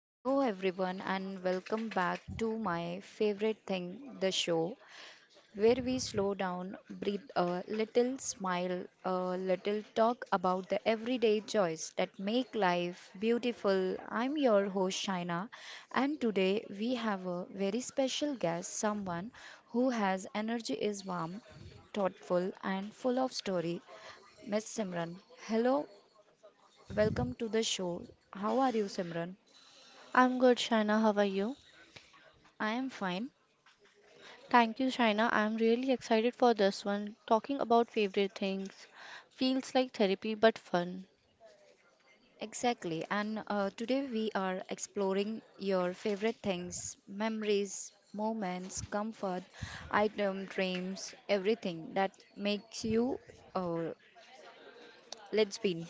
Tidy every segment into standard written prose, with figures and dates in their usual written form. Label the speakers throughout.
Speaker 1: Hello, everyone, and welcome back to my favorite thing, the show, where we slow down, breathe a little, smile a little, talk about the everyday joys that make life beautiful. I'm your host, Shaina, and today we have a very special guest, someone who has energy, is warm, thoughtful, and full of story, Miss Simran. Hello, welcome to the show. How are you, Simran?
Speaker 2: I'm good, Shaina. How are you?
Speaker 1: I am fine.
Speaker 2: Thank you, Shaina. I'm really excited for this one. Talking about favorite things feels like therapy but fun.
Speaker 1: Exactly. And today we are exploring your favorite things, memories, moments, comfort, item, dreams, everything that makes you uh, let's spin.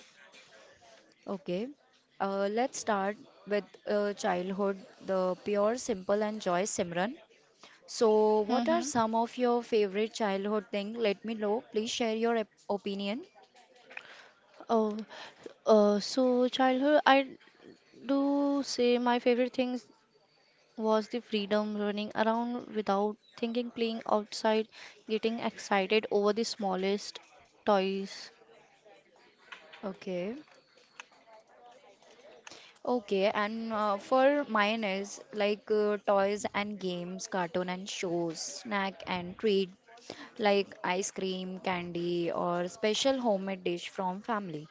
Speaker 1: Okay. Let's start with childhood, the pure, simple, and joy, Simran. So, what are
Speaker 2: Mm-hmm.
Speaker 1: some of your favorite childhood thing? Let me know. Please share your opinion.
Speaker 2: Oh, so childhood, I do say my favorite things was the freedom running around without thinking, playing outside, getting excited over the smallest toys.
Speaker 1: Okay. Okay, and for mine is like toys and games, cartoon and shows, snack and treat like ice cream, candy, or special homemade dish from family.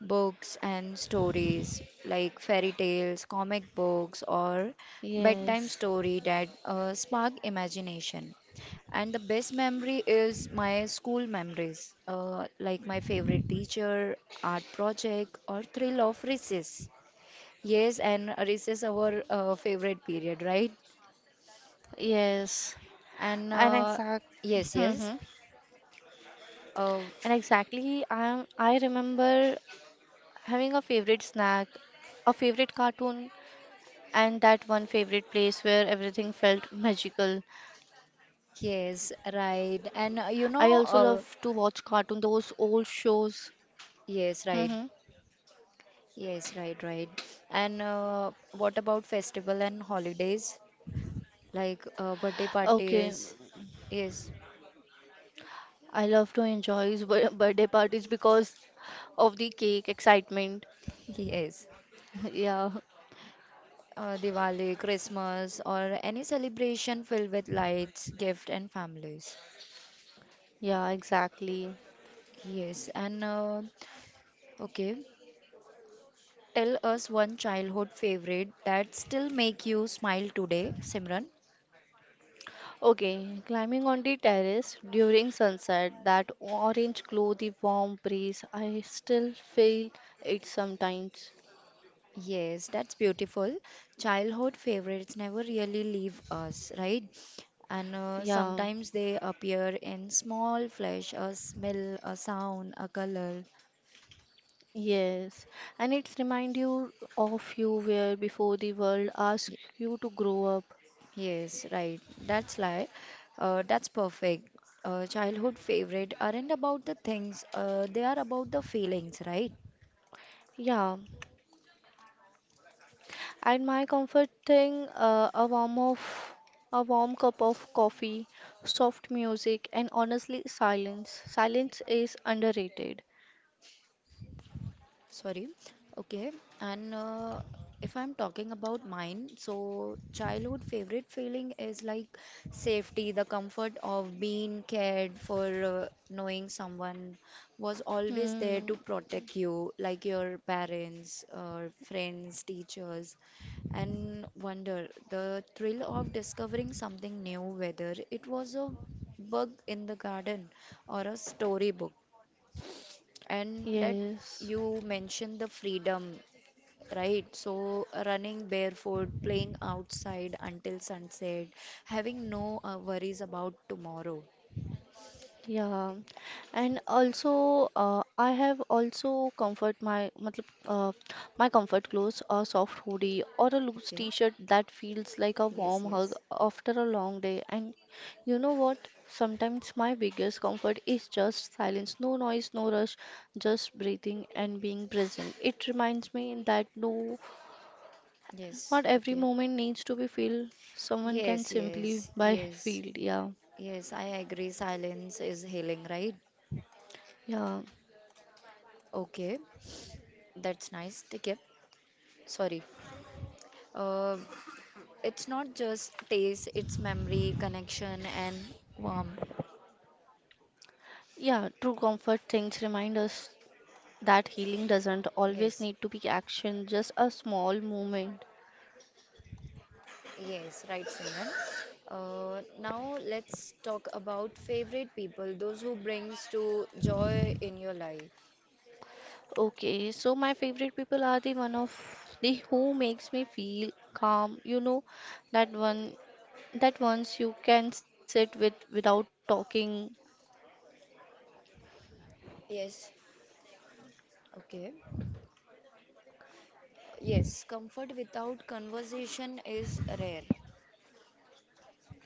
Speaker 1: Books and stories like fairy tales, comic books, or bedtime
Speaker 2: Yes,
Speaker 1: story that spark imagination. And the best memory is my school memories, like my favorite teacher, art project, or thrill of recess. Yes, and recess our favorite period, right?
Speaker 2: yes,
Speaker 1: And
Speaker 2: and exact,
Speaker 1: yes, yes,
Speaker 2: mhm.
Speaker 1: uh,
Speaker 2: And exactly. I am. I remember having a favorite snack, a favorite cartoon, and that one favorite place where everything felt magical.
Speaker 1: yes,
Speaker 2: I
Speaker 1: right.
Speaker 2: also
Speaker 1: And
Speaker 2: love to
Speaker 1: you know,
Speaker 2: watch cartoon, those old shows. Mm-hmm.
Speaker 1: yes, right, yes, right, right. And what about festival and holidays like birthday
Speaker 2: Okay.
Speaker 1: parties? Yes,
Speaker 2: I love to enjoy his birthday parties because of the cake excitement.
Speaker 1: yes.
Speaker 2: Yeah,
Speaker 1: Diwali, Christmas, or any celebration filled with lights, gift, and families.
Speaker 2: yeah, exactly.
Speaker 1: Yes, and okay. Tell us one childhood favorite that still make you smile today, Simran.
Speaker 2: Okay, climbing on the terrace during sunset, that orange glow, the warm breeze, I still feel it sometimes.
Speaker 1: Yes, that's beautiful. Childhood favorites never really leave us, right? And
Speaker 2: Yeah,
Speaker 1: sometimes they appear in small flash, a smell, a sound, a color.
Speaker 2: yes. And it's remind you of you where before the world asks
Speaker 1: Y-
Speaker 2: you to grow up.
Speaker 1: Yes, right. That's like, that's perfect. Childhood favorite aren't about the things, they are about the feelings, right?
Speaker 2: Yeah, and my comfort thing, a warm cup of coffee, soft music, and honestly, silence. Silence is underrated.
Speaker 1: Sorry. Okay. And if I'm talking about mine, so childhood favorite feeling is like safety, the comfort of being cared for, knowing someone was always there
Speaker 2: Hmm.
Speaker 1: to protect you, like your parents, friends, teachers. And wonder, the thrill of discovering something new, whether it was a bug in the garden or a storybook. And that
Speaker 2: Yes.
Speaker 1: you mentioned the freedom, right? So running barefoot, playing outside until sunset, having no worries about tomorrow.
Speaker 2: Yeah, and also I have also comfort my my comfort clothes, a soft hoodie or a loose
Speaker 1: Okay.
Speaker 2: t-shirt that feels like a
Speaker 1: Yes,
Speaker 2: warm hug
Speaker 1: yes.
Speaker 2: after a long day. And you know what? Sometimes my biggest comfort is just silence, no noise, no rush, just breathing and being present. It reminds me that no, not
Speaker 1: Yes,
Speaker 2: every
Speaker 1: okay.
Speaker 2: moment needs to be filled. Someone can
Speaker 1: Yes,
Speaker 2: simply
Speaker 1: yes,
Speaker 2: by
Speaker 1: yes.
Speaker 2: feel. Yeah,
Speaker 1: Yes, I agree. Silence is healing, right?
Speaker 2: yeah.
Speaker 1: Okay, that's nice. Take care. Sorry. Uh, it's not just taste, it's memory, connection, and warmth.
Speaker 2: Yeah, true comfort things remind us that healing doesn't always
Speaker 1: Yes.
Speaker 2: need to be action, just a small movement.
Speaker 1: Yes, right, Simran. Now let's talk about favorite people, those who brings to joy in your life.
Speaker 2: Okay, so my favorite people are the one of the who makes me feel calm. You know, that one that once you can sit with without talking.
Speaker 1: Yes, okay. Yes, comfort without conversation is rare.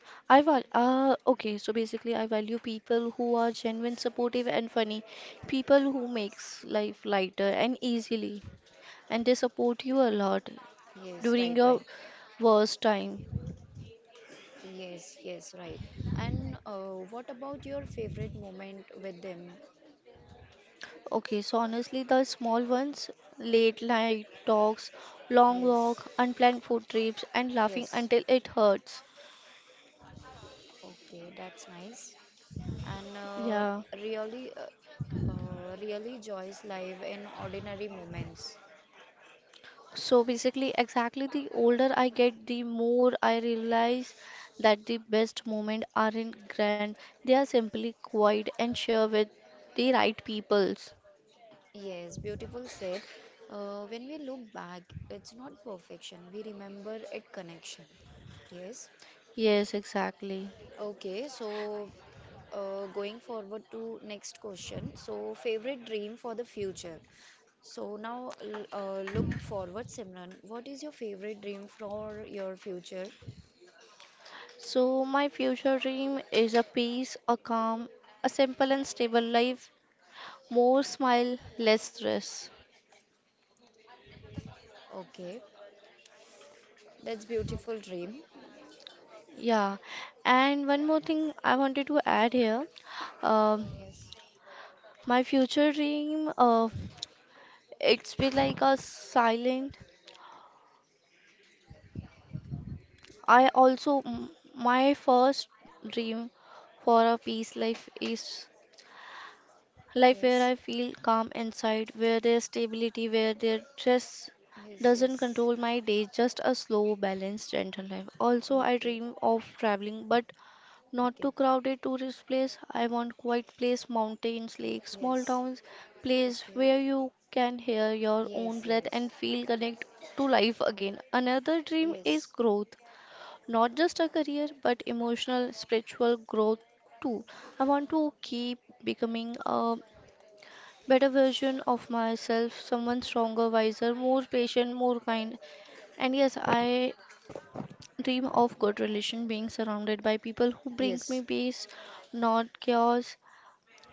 Speaker 2: So basically I value people who are genuine, supportive and funny. People who makes life lighter and easily, and they support you a lot
Speaker 1: Yes,
Speaker 2: during
Speaker 1: right,
Speaker 2: your
Speaker 1: right.
Speaker 2: worst time.
Speaker 1: Yes, yes, right. And what about your favorite moment with them?
Speaker 2: Okay, so honestly, the small ones, late night talks, long
Speaker 1: Yes,
Speaker 2: walk, unplanned food trips, and laughing
Speaker 1: yes.
Speaker 2: until it hurts.
Speaker 1: Okay, that's nice. And
Speaker 2: Yeah.
Speaker 1: really, really joys live in ordinary moments.
Speaker 2: So basically, exactly, the older I get, the more I realize that the best moments aren't grand, they are simply quiet and share with the right peoples.
Speaker 1: Yes, beautiful said. When we look back, it's not perfection. We remember it connection. Yes.
Speaker 2: Yes, exactly.
Speaker 1: Okay, so going forward to next question. So favorite dream for the future. So now look forward, Simran. What is your favorite dream for your future?
Speaker 2: So, my future dream is a peace, a calm, a simple and stable life, more smile, less stress.
Speaker 1: Okay, that's beautiful dream.
Speaker 2: Yeah, and one more thing I wanted to add here. Um
Speaker 1: Yes,
Speaker 2: my future dream, it's be like a silent. I also, my first dream for a peace life is life where I
Speaker 1: yes,
Speaker 2: feel calm inside, where there's stability, where there stress
Speaker 1: yes,
Speaker 2: doesn't
Speaker 1: yes.
Speaker 2: control my day, just a slow, balanced, gentle life. Also, I
Speaker 1: Okay,
Speaker 2: dream of traveling, but not to
Speaker 1: okay.
Speaker 2: crowded tourist place. I want quiet place, mountains, lakes, small
Speaker 1: Yes.
Speaker 2: towns, place
Speaker 1: Okay.
Speaker 2: where you can hear your own
Speaker 1: Yes,
Speaker 2: breath
Speaker 1: yes.
Speaker 2: and feel connect to life again. Another dream is
Speaker 1: Yes,
Speaker 2: growth, not just a career, but emotional, spiritual growth too. I want to keep becoming a better version of myself, someone stronger, wiser, more patient, more kind. And yes, I dream of good relation, being surrounded by people who bring me
Speaker 1: yes,
Speaker 2: peace, not chaos,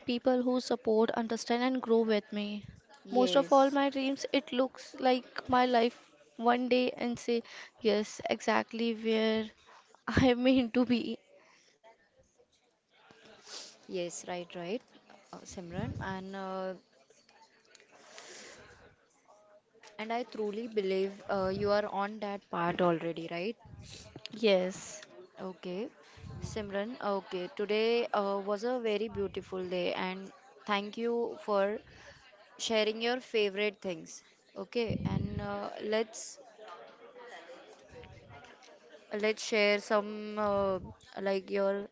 Speaker 2: people who support, understand, and grow with me. Most of all
Speaker 1: yes,
Speaker 2: my dreams, it looks like my life one day and say, yes, exactly where I mean to be.
Speaker 1: yes, right, right, Simran. And I truly believe you are on that part already, right?
Speaker 2: Yes.
Speaker 1: Okay, Simran. Okay, today was a very beautiful day, and thank you for sharing your favorite things. Okay, and let's share some like your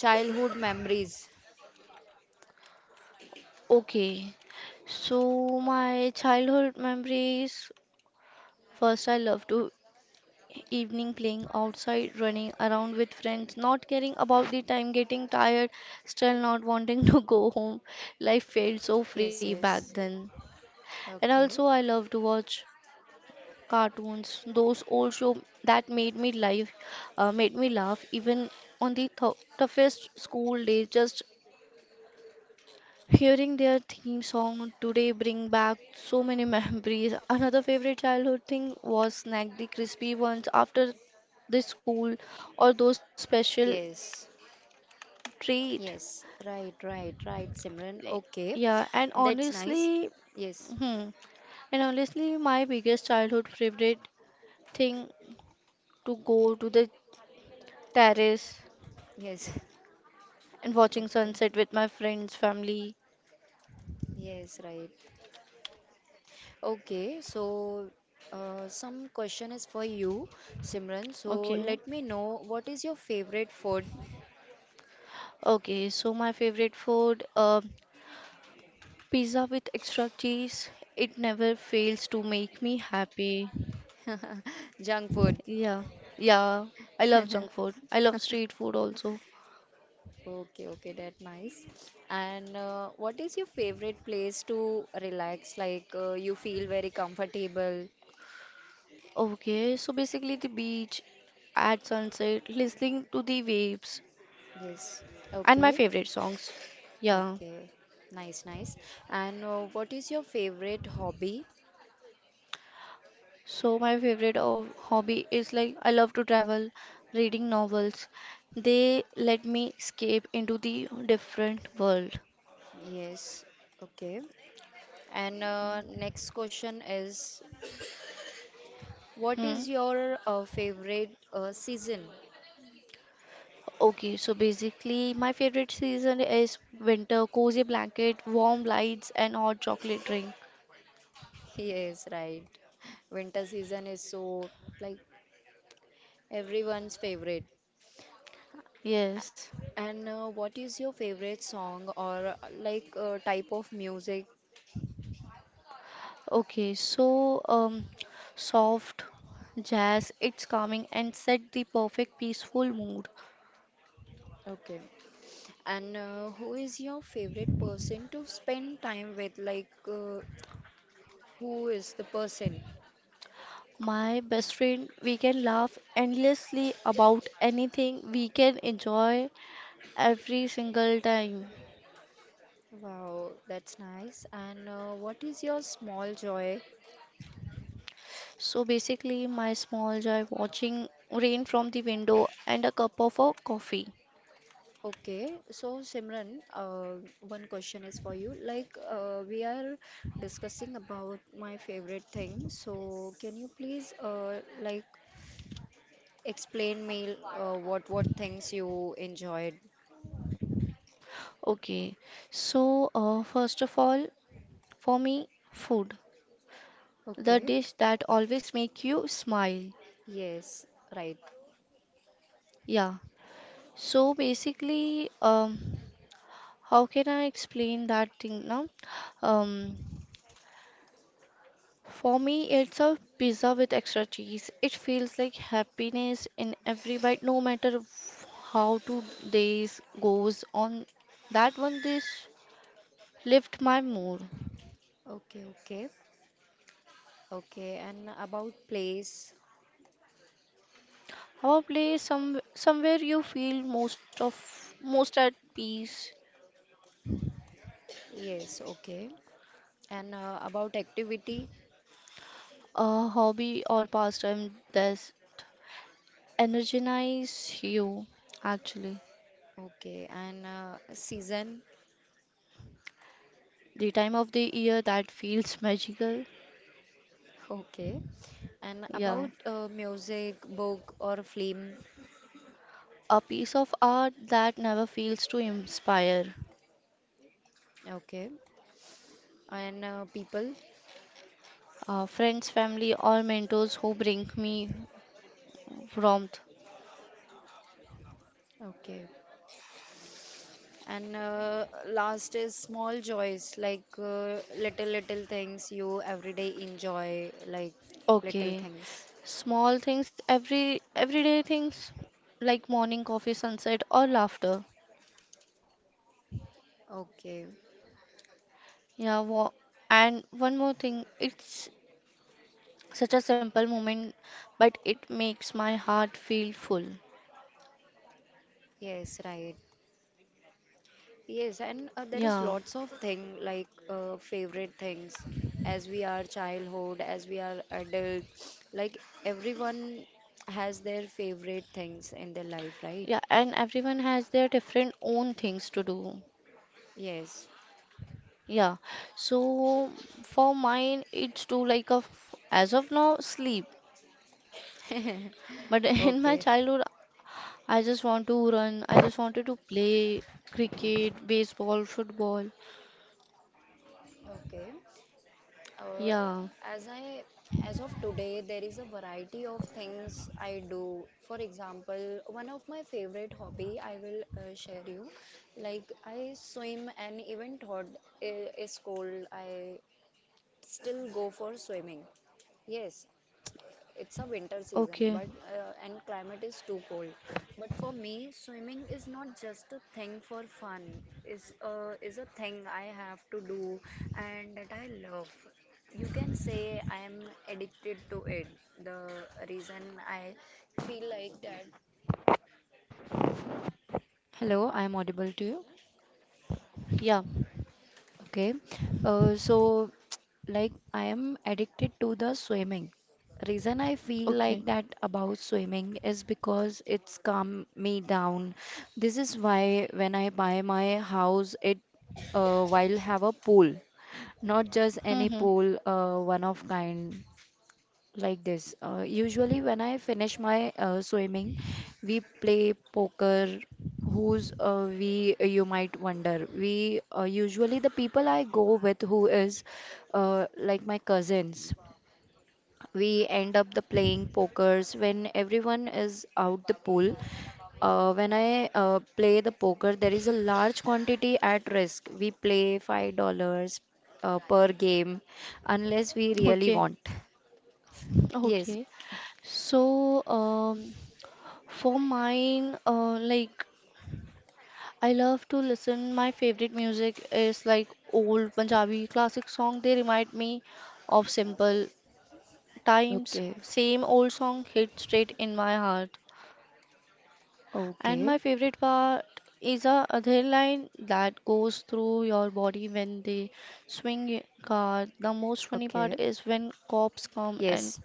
Speaker 1: childhood memories.
Speaker 2: Okay. So my childhood memories. First, I love to evening playing outside, running around with friends, not caring about the time, getting tired, still not wanting to go home. Life felt so free
Speaker 1: Yes,
Speaker 2: back
Speaker 1: yes.
Speaker 2: then. And also,
Speaker 1: Okay.
Speaker 2: I love to watch cartoons, those old show that made me live, made me laugh even on the toughest school days. Just hearing their theme song today bring back so many memories. Another favorite childhood thing was snack, the crispy ones after the school or those special
Speaker 1: Yes.
Speaker 2: treat.
Speaker 1: Yes, right, right, right, Simran.
Speaker 2: Eh,
Speaker 1: Okay,
Speaker 2: yeah, and
Speaker 1: that's nice. Yes,
Speaker 2: hmm, honestly, my biggest childhood favorite thing to go to the terrace
Speaker 1: yes,
Speaker 2: and watching
Speaker 1: okay,
Speaker 2: sunset with my friends, family.
Speaker 1: yes, right. Okay, so some question is for you, Simran. So
Speaker 2: Okay,
Speaker 1: let me know what is your favorite food?
Speaker 2: okay. So my favorite food. Pizza with extra cheese, it never fails to make me happy.
Speaker 1: Junk food.
Speaker 2: Yeah, yeah, I love junk food. I love street food also.
Speaker 1: Okay, okay, that's nice. And what is your favorite place to relax? Like you feel very comfortable?
Speaker 2: Okay, so basically the beach at sunset, listening to the waves
Speaker 1: Yes,
Speaker 2: and my
Speaker 1: okay.
Speaker 2: favorite songs. Yeah.
Speaker 1: Okay, nice, nice. And what is your favorite hobby?
Speaker 2: So my favorite of hobby is like I love to travel, reading novels. They let me escape into the different world.
Speaker 1: Yes, okay. And next question is, what
Speaker 2: Hmm.
Speaker 1: is your favorite season?
Speaker 2: Okay, so basically, my favorite season is winter, cozy blanket, warm lights, and hot chocolate drink.
Speaker 1: Yes, right. Winter season is so like everyone's favorite.
Speaker 2: Yes.
Speaker 1: And what is your favorite song or like type of music?
Speaker 2: Okay, so um, Soft jazz, it's calming and set the perfect peaceful mood.
Speaker 1: Okay. And who is your favorite person to spend time with? Like, who is the person?
Speaker 2: My best friend, we can laugh endlessly about anything, we can enjoy every single time.
Speaker 1: Wow, that's nice. And what is your small joy?
Speaker 2: So basically, my small joy watching rain from the window and a cup of a coffee.
Speaker 1: Okay, so Simran, one question is for you. Like, we are discussing about my favorite thing. So, can you please, like, explain me what things you enjoyed?
Speaker 2: Okay, First of all, for me, food, the
Speaker 1: Okay.
Speaker 2: dish that always make you smile.
Speaker 1: Yes, right.
Speaker 2: Yeah. So basically, how can I explain that thing now? Um, for me, it's a pizza with extra cheese. It feels like happiness in every bite, no matter how 2 days goes on. That one dish lift my mood.
Speaker 1: Okay, okay. Okay, and about place.
Speaker 2: Probably some somewhere you feel most of most at peace.
Speaker 1: Yes, okay. And about activity.
Speaker 2: A hobby or pastime that energize you actually.
Speaker 1: Okay, and season,
Speaker 2: The time of the year that feels magical.
Speaker 1: okay. And
Speaker 2: Yeah.
Speaker 1: about music, book, or film,
Speaker 2: A piece of art that never fails to inspire.
Speaker 1: okay. And people,
Speaker 2: Friends, family, or mentors who bring me warmth.
Speaker 1: okay. And last is small joys, like little, little things you every day enjoy, like little
Speaker 2: Okay.
Speaker 1: things.
Speaker 2: Small things, everyday things like morning coffee, sunset, or laughter.
Speaker 1: Okay,
Speaker 2: Yeah, wa- and one more thing, it's such a simple moment, but it makes my heart feel full.
Speaker 1: yes, right. Yes, and there
Speaker 2: Yeah,
Speaker 1: is lots of thing like favorite things as we are childhood, as we are adult. Like everyone has their favorite things in their life, right?
Speaker 2: yeah, and everyone has their different own things to do.
Speaker 1: Yes.
Speaker 2: Yeah, so for mine, it's to like a f as of now, sleep. But in my
Speaker 1: Okay.
Speaker 2: childhood, I just wanted to play cricket, baseball, football.
Speaker 1: Okay. Uh,
Speaker 2: Yeah,
Speaker 1: as I as of today, there is a variety of things I do. For example, one of my favorite hobby I will share you. Like I swim and even thought is cold. I still go for swimming. Yes, it's a winter season,
Speaker 2: okay,
Speaker 1: but and climate is too cold. But for me, swimming is not just a thing for fun. Is a thing I have to do and that I love. You can say I am addicted to it. The reason I feel like that. Hello, I am audible to you.
Speaker 2: yeah,
Speaker 1: Okay, so like I am addicted to the swimming. Reason I feel
Speaker 2: okay,
Speaker 1: like that about swimming is because it's calm me down. This is why when I buy my house, it will have a pool, not just any
Speaker 2: mm-hmm,
Speaker 1: pool, one of kind like this. Usually, when I finish my swimming, we play poker. Who's we? You might wonder. We usually the people I go with, who is like my cousins. We end up the playing pokers when everyone is out the pool. When I play the poker, there is a large quantity at risk. We play $5 per game, unless we really
Speaker 2: okay,
Speaker 1: want. Yes.
Speaker 2: okay. So, for mine, like I love to listen. My favorite music is like old Punjabi classic song. They remind me of simple times.
Speaker 1: Okay.
Speaker 2: Same old song hit straight in my heart. And
Speaker 1: Okay,
Speaker 2: my favorite part is a other line that goes through your body when they swing a card. The most funny part
Speaker 1: okay.
Speaker 2: is when
Speaker 1: Yes,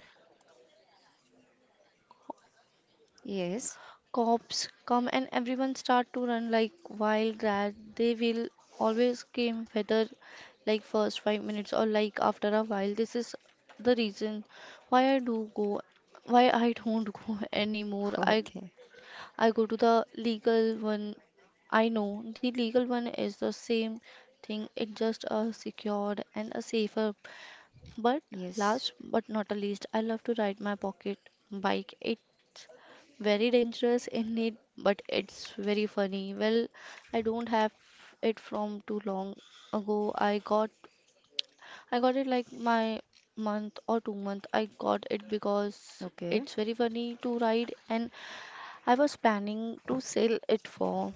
Speaker 1: yes.
Speaker 2: cops come and everyone start to run like wild rats. They will always came whether like first 5 minutes or like after a while. This is the reason why I do go why I don't go anymore. I
Speaker 1: Okay,
Speaker 2: I go to the legal one. I know the legal one is the same thing. It's just a secured and a safer but
Speaker 1: yes.
Speaker 2: last but not the least, I love to ride my pocket bike. It's very dangerous in it, but it's very funny. Well, I don't have it from too long ago. I got it like my month or 2 month. I got it because
Speaker 1: Okay,
Speaker 2: it's very funny to ride, and I was planning to sell it for.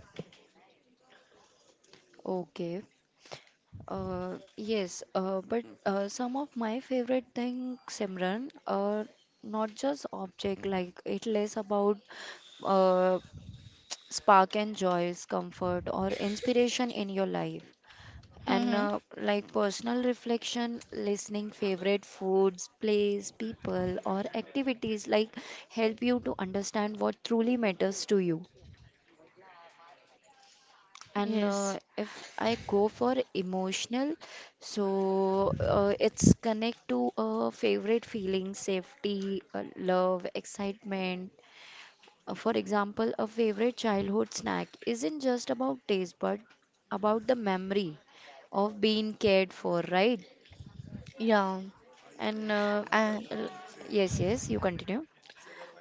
Speaker 1: okay. Yes, but some of my favorite things, Simran, are not just object, like it less about uh, spark and joys, comfort, or inspiration in your life. And
Speaker 2: Hmm.
Speaker 1: like personal reflection, listening favorite foods, place, people, or activities like help you to understand what truly matters to you. And
Speaker 2: Yes.
Speaker 1: if I go for emotional, so it's connect to a favorite feeling, safety, love, excitement. For example, a favorite childhood snack isn't just about taste, but about the memory of being cared for, right?
Speaker 2: Yeah.
Speaker 1: And
Speaker 2: And
Speaker 1: l- yes, yes, you continue.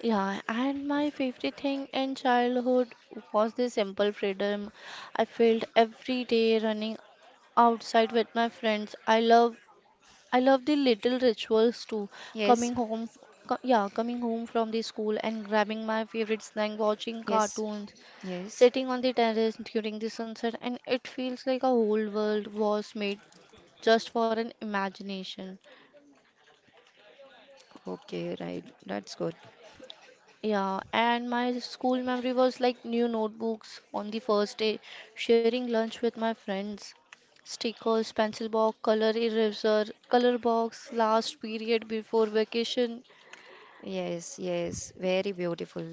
Speaker 2: yeah, and my favorite thing in childhood was the simple freedom I felt every day running outside with my friends. I love the little rituals too.
Speaker 1: Yes,
Speaker 2: Coming home, f- co- yeah, Coming home from the school and grabbing my favorite snack, watching
Speaker 1: yes,
Speaker 2: cartoons,
Speaker 1: yes.
Speaker 2: sitting on the terrace during the sunset, and it feels like a whole world was made just for an imagination.
Speaker 1: Okay, right. That's good.
Speaker 2: Yeah, and my school memory was like new notebooks on the first day, sharing lunch with my friends, stickers, pencil box, color eraser, color box, last period before vacation.
Speaker 1: Yes, yes, very beautiful.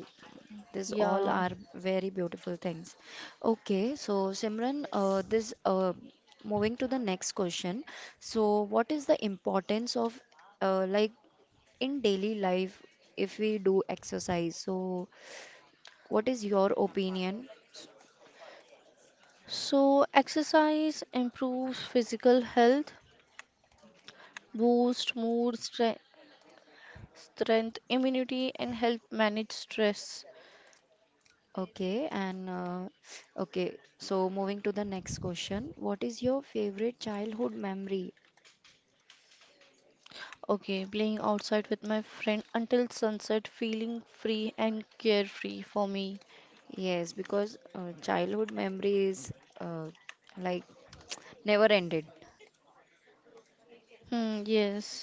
Speaker 1: These all
Speaker 2: Yeah.
Speaker 1: are very beautiful things. Okay, so Simran, this moving to the next question. So, what is the importance of like in daily life if we do exercise? So, what is your opinion?
Speaker 2: So exercise improves physical health, boost mood, strength, immunity, and help manage stress.
Speaker 1: Okay, and okay, so moving to the next question. What is your favorite childhood memory?
Speaker 2: Okay, playing outside with my friend until sunset, feeling free and carefree for me.
Speaker 1: Yes, because childhood memory is uh, like never ended.
Speaker 2: Hmm, yes.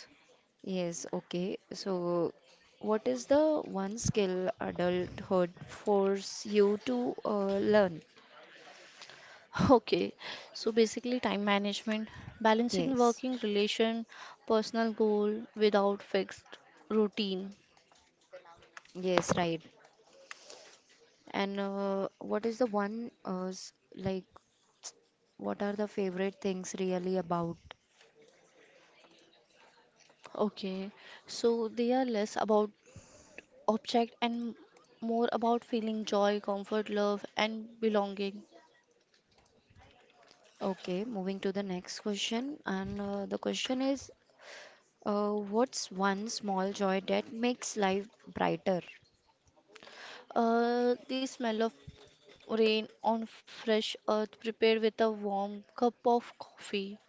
Speaker 1: Yes, okay. So, what is the one skill adulthood force you to learn?
Speaker 2: Okay. So basically, time management, balancing
Speaker 1: Yes,
Speaker 2: working relation, personal goal without fixed routine.
Speaker 1: yes, right. And what is the one like what are the favorite things really about?
Speaker 2: Okay. So they are less about object and more about feeling joy, comfort, love, and belonging.
Speaker 1: Okay, moving to the next question. And the question is what's one small joy that makes life brighter?
Speaker 2: The smell of rain on fresh earth prepared with a warm cup of coffee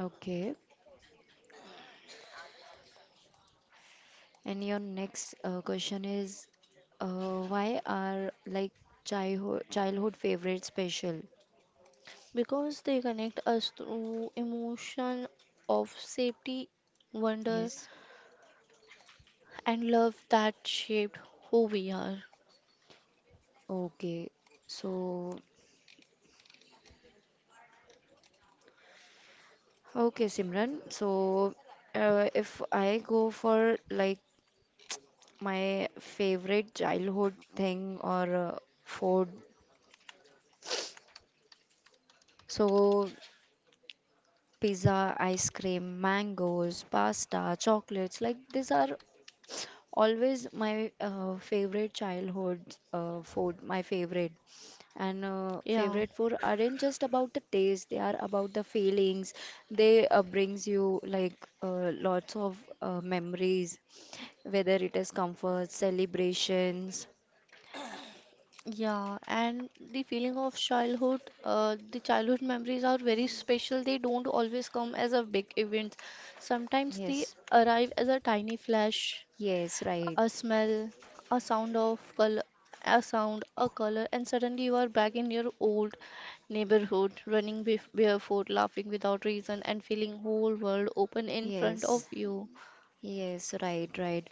Speaker 1: Okay. And your next question is why are like childhood favorite special?
Speaker 2: because they connect us through emotion of safety, wonder,
Speaker 1: Yes.
Speaker 2: and love that shaped who we are.
Speaker 1: Okay. So, okay, Simran. So, if I go for like my favorite childhood thing or food, so pizza, ice cream, mangoes, pasta, chocolates like these are always my favorite childhood food, my favorite. And
Speaker 2: Yeah,
Speaker 1: favorite food aren't just about the taste, they are about the feelings. They brings you like lots of memories, whether it is comfort, celebrations.
Speaker 2: yeah, and the feeling of childhood, the childhood memories are very special. They don't always come as a big event. Sometimes they
Speaker 1: Yes,
Speaker 2: arrive as a tiny flash,
Speaker 1: yes, right.
Speaker 2: a smell, a sound of color, a sound, a color, and suddenly you are back in your old neighborhood, running barefoot, laughing without reason, and feeling whole world open in front of
Speaker 1: Yes.
Speaker 2: you.
Speaker 1: Yes, right, right.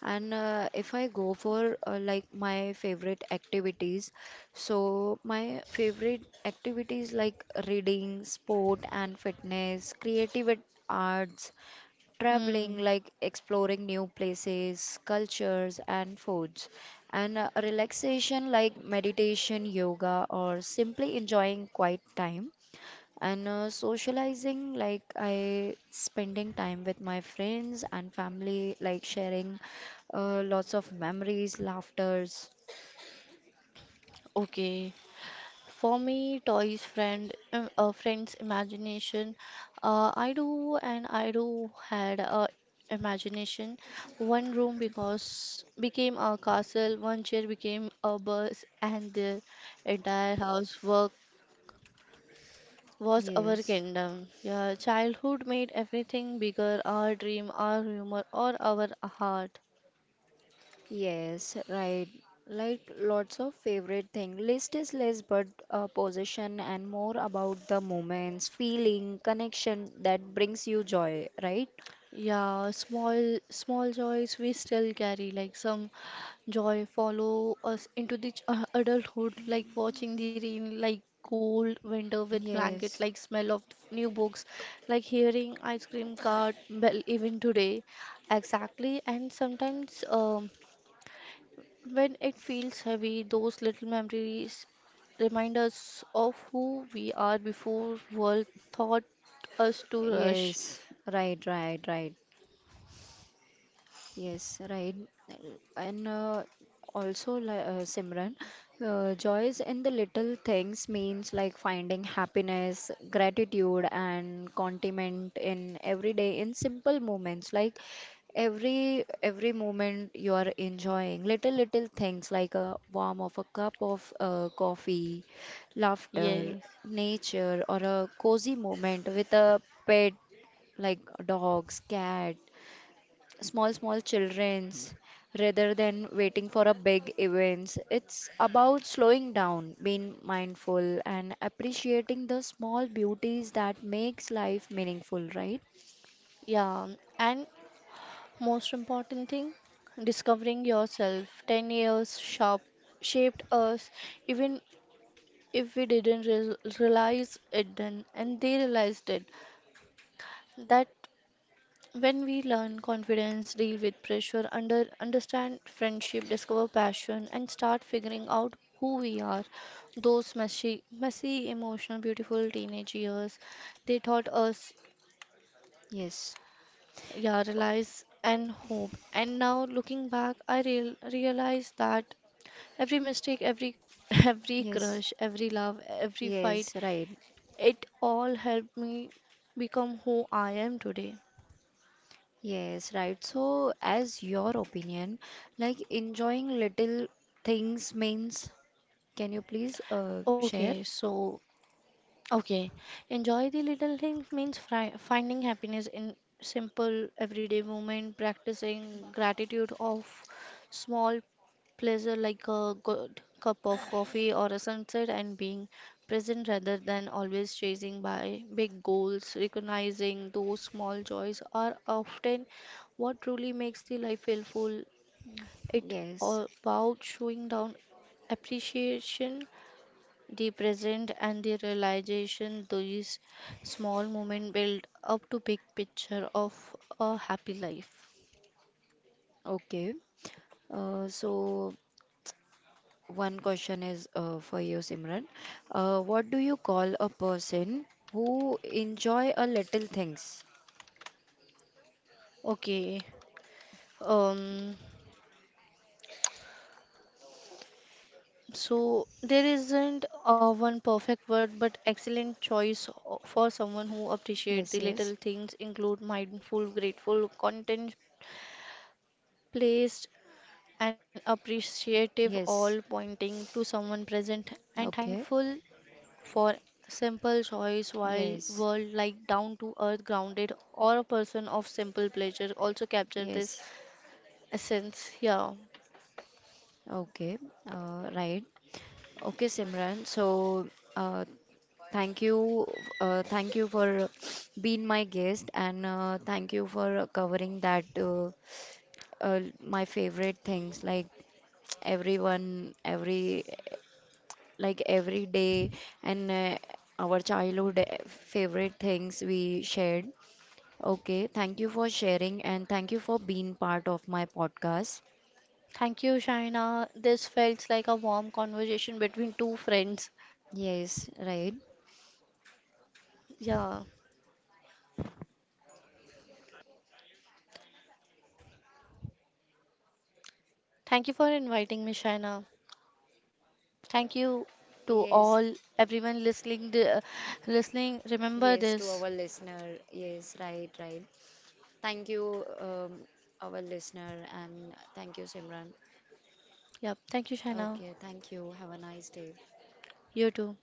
Speaker 1: And if I go for like my favorite activities, so my favorite activities like reading, sport and fitness, creative arts, traveling,
Speaker 2: Hmm.
Speaker 1: like exploring new places, cultures and foods, and relaxation like meditation, yoga, or simply enjoying quiet time and socializing like I spending time with my friends and family like sharing lots of memories laughters.
Speaker 2: Okay. For me, toys, friend, Friends, imagination. I do had a imagination. One room because became a castle. One chair became a bus, and the entire house work was our
Speaker 1: Yes.
Speaker 2: kingdom. Yeah, childhood made everything bigger. Our dream, our humor, or our heart.
Speaker 1: Yes, right, like lots of favorite thing list is less but possession and more about the moments feeling connection that brings you joy, right?
Speaker 2: Yeah, small small joys we still carry, like some joy follow us into the adulthood, like watching the rain, like cold winter with blanket, like
Speaker 1: Yes.
Speaker 2: smell of new books, like hearing ice cream cart bell even today. Exactly, and sometimes when it feels heavy, those little memories remind us of who we are before world taught us to
Speaker 1: Yes,
Speaker 2: rush.
Speaker 1: right, right, right. Yes, right. And Simran, joys in the little things means like finding happiness, gratitude, and contentment in every day in simple moments. Like every moment you are enjoying little little things like a warm of a cup of coffee, laughter,
Speaker 2: Yes.
Speaker 1: nature, or a cozy moment with a pet like dogs, cat small small children's rather than waiting for a big events. It's about slowing down being mindful and appreciating the small beauties that makes life meaningful, right?
Speaker 2: Yeah, and most important thing, discovering yourself. 10 years shop shaped us, even if we didn't realize it then, and they realized it. That when we learn confidence, deal with pressure, understand friendship, discover passion, and start figuring out who we are, those messy, emotional, beautiful teenage years, they taught us
Speaker 1: Yes,
Speaker 2: yeah, realize and hope. And now looking back, realize that every mistake, every every
Speaker 1: yes,
Speaker 2: crush, every love, every fight,
Speaker 1: yes, right,
Speaker 2: it all helped me become who I am today.
Speaker 1: yes, right. So as your opinion like enjoying little things means can you please share?
Speaker 2: Okay, so Okay, enjoy the little things means fri finding happiness in simple everyday moment, practicing gratitude of small pleasure like a good cup of coffee or a sunset and being present rather than always chasing by big goals. Recognizing those small joys are often what truly makes the life feel full. It
Speaker 1: Yes,
Speaker 2: all about showing down appreciation the present and the realization these small moments build up to big picture of a happy life.
Speaker 1: okay. So One question is for you, Simran. What do you call a person who enjoy a little things?
Speaker 2: Okay. um so there isn't a one perfect word but excellent choice for someone who appreciate the
Speaker 1: Yes,
Speaker 2: little
Speaker 1: yes,
Speaker 2: things include mindful, grateful, content, placed and appreciative, all
Speaker 1: yes.
Speaker 2: pointing to someone present and
Speaker 1: Okay.
Speaker 2: thankful for simple choice while
Speaker 1: Yes,
Speaker 2: world like down to earth, grounded or a person of simple pleasure also capture this
Speaker 1: yes.
Speaker 2: essence. Yeah,
Speaker 1: Okay. Right. Okay, Simran. So, uh, thank you, thank you for being my guest, and thank you for covering that my favorite things like everyone every like every day and our childhood favorite things we shared. Okay, thank you for sharing and thank you for being part of my podcast.
Speaker 2: thank you, Shaina, this felt like a warm conversation between two friends.
Speaker 1: Yes, right.
Speaker 2: Yeah, thank you for inviting me, Shaina. Thank you to
Speaker 1: Yes,
Speaker 2: all everyone listening the, listening remember
Speaker 1: yes, to
Speaker 2: this.
Speaker 1: our listener. Yes, right, right. Thank you, our listener, and thank you, Simran.
Speaker 2: Yeah, thank you, Shaina.
Speaker 1: Okay, thank you. Have a nice day.
Speaker 2: You too.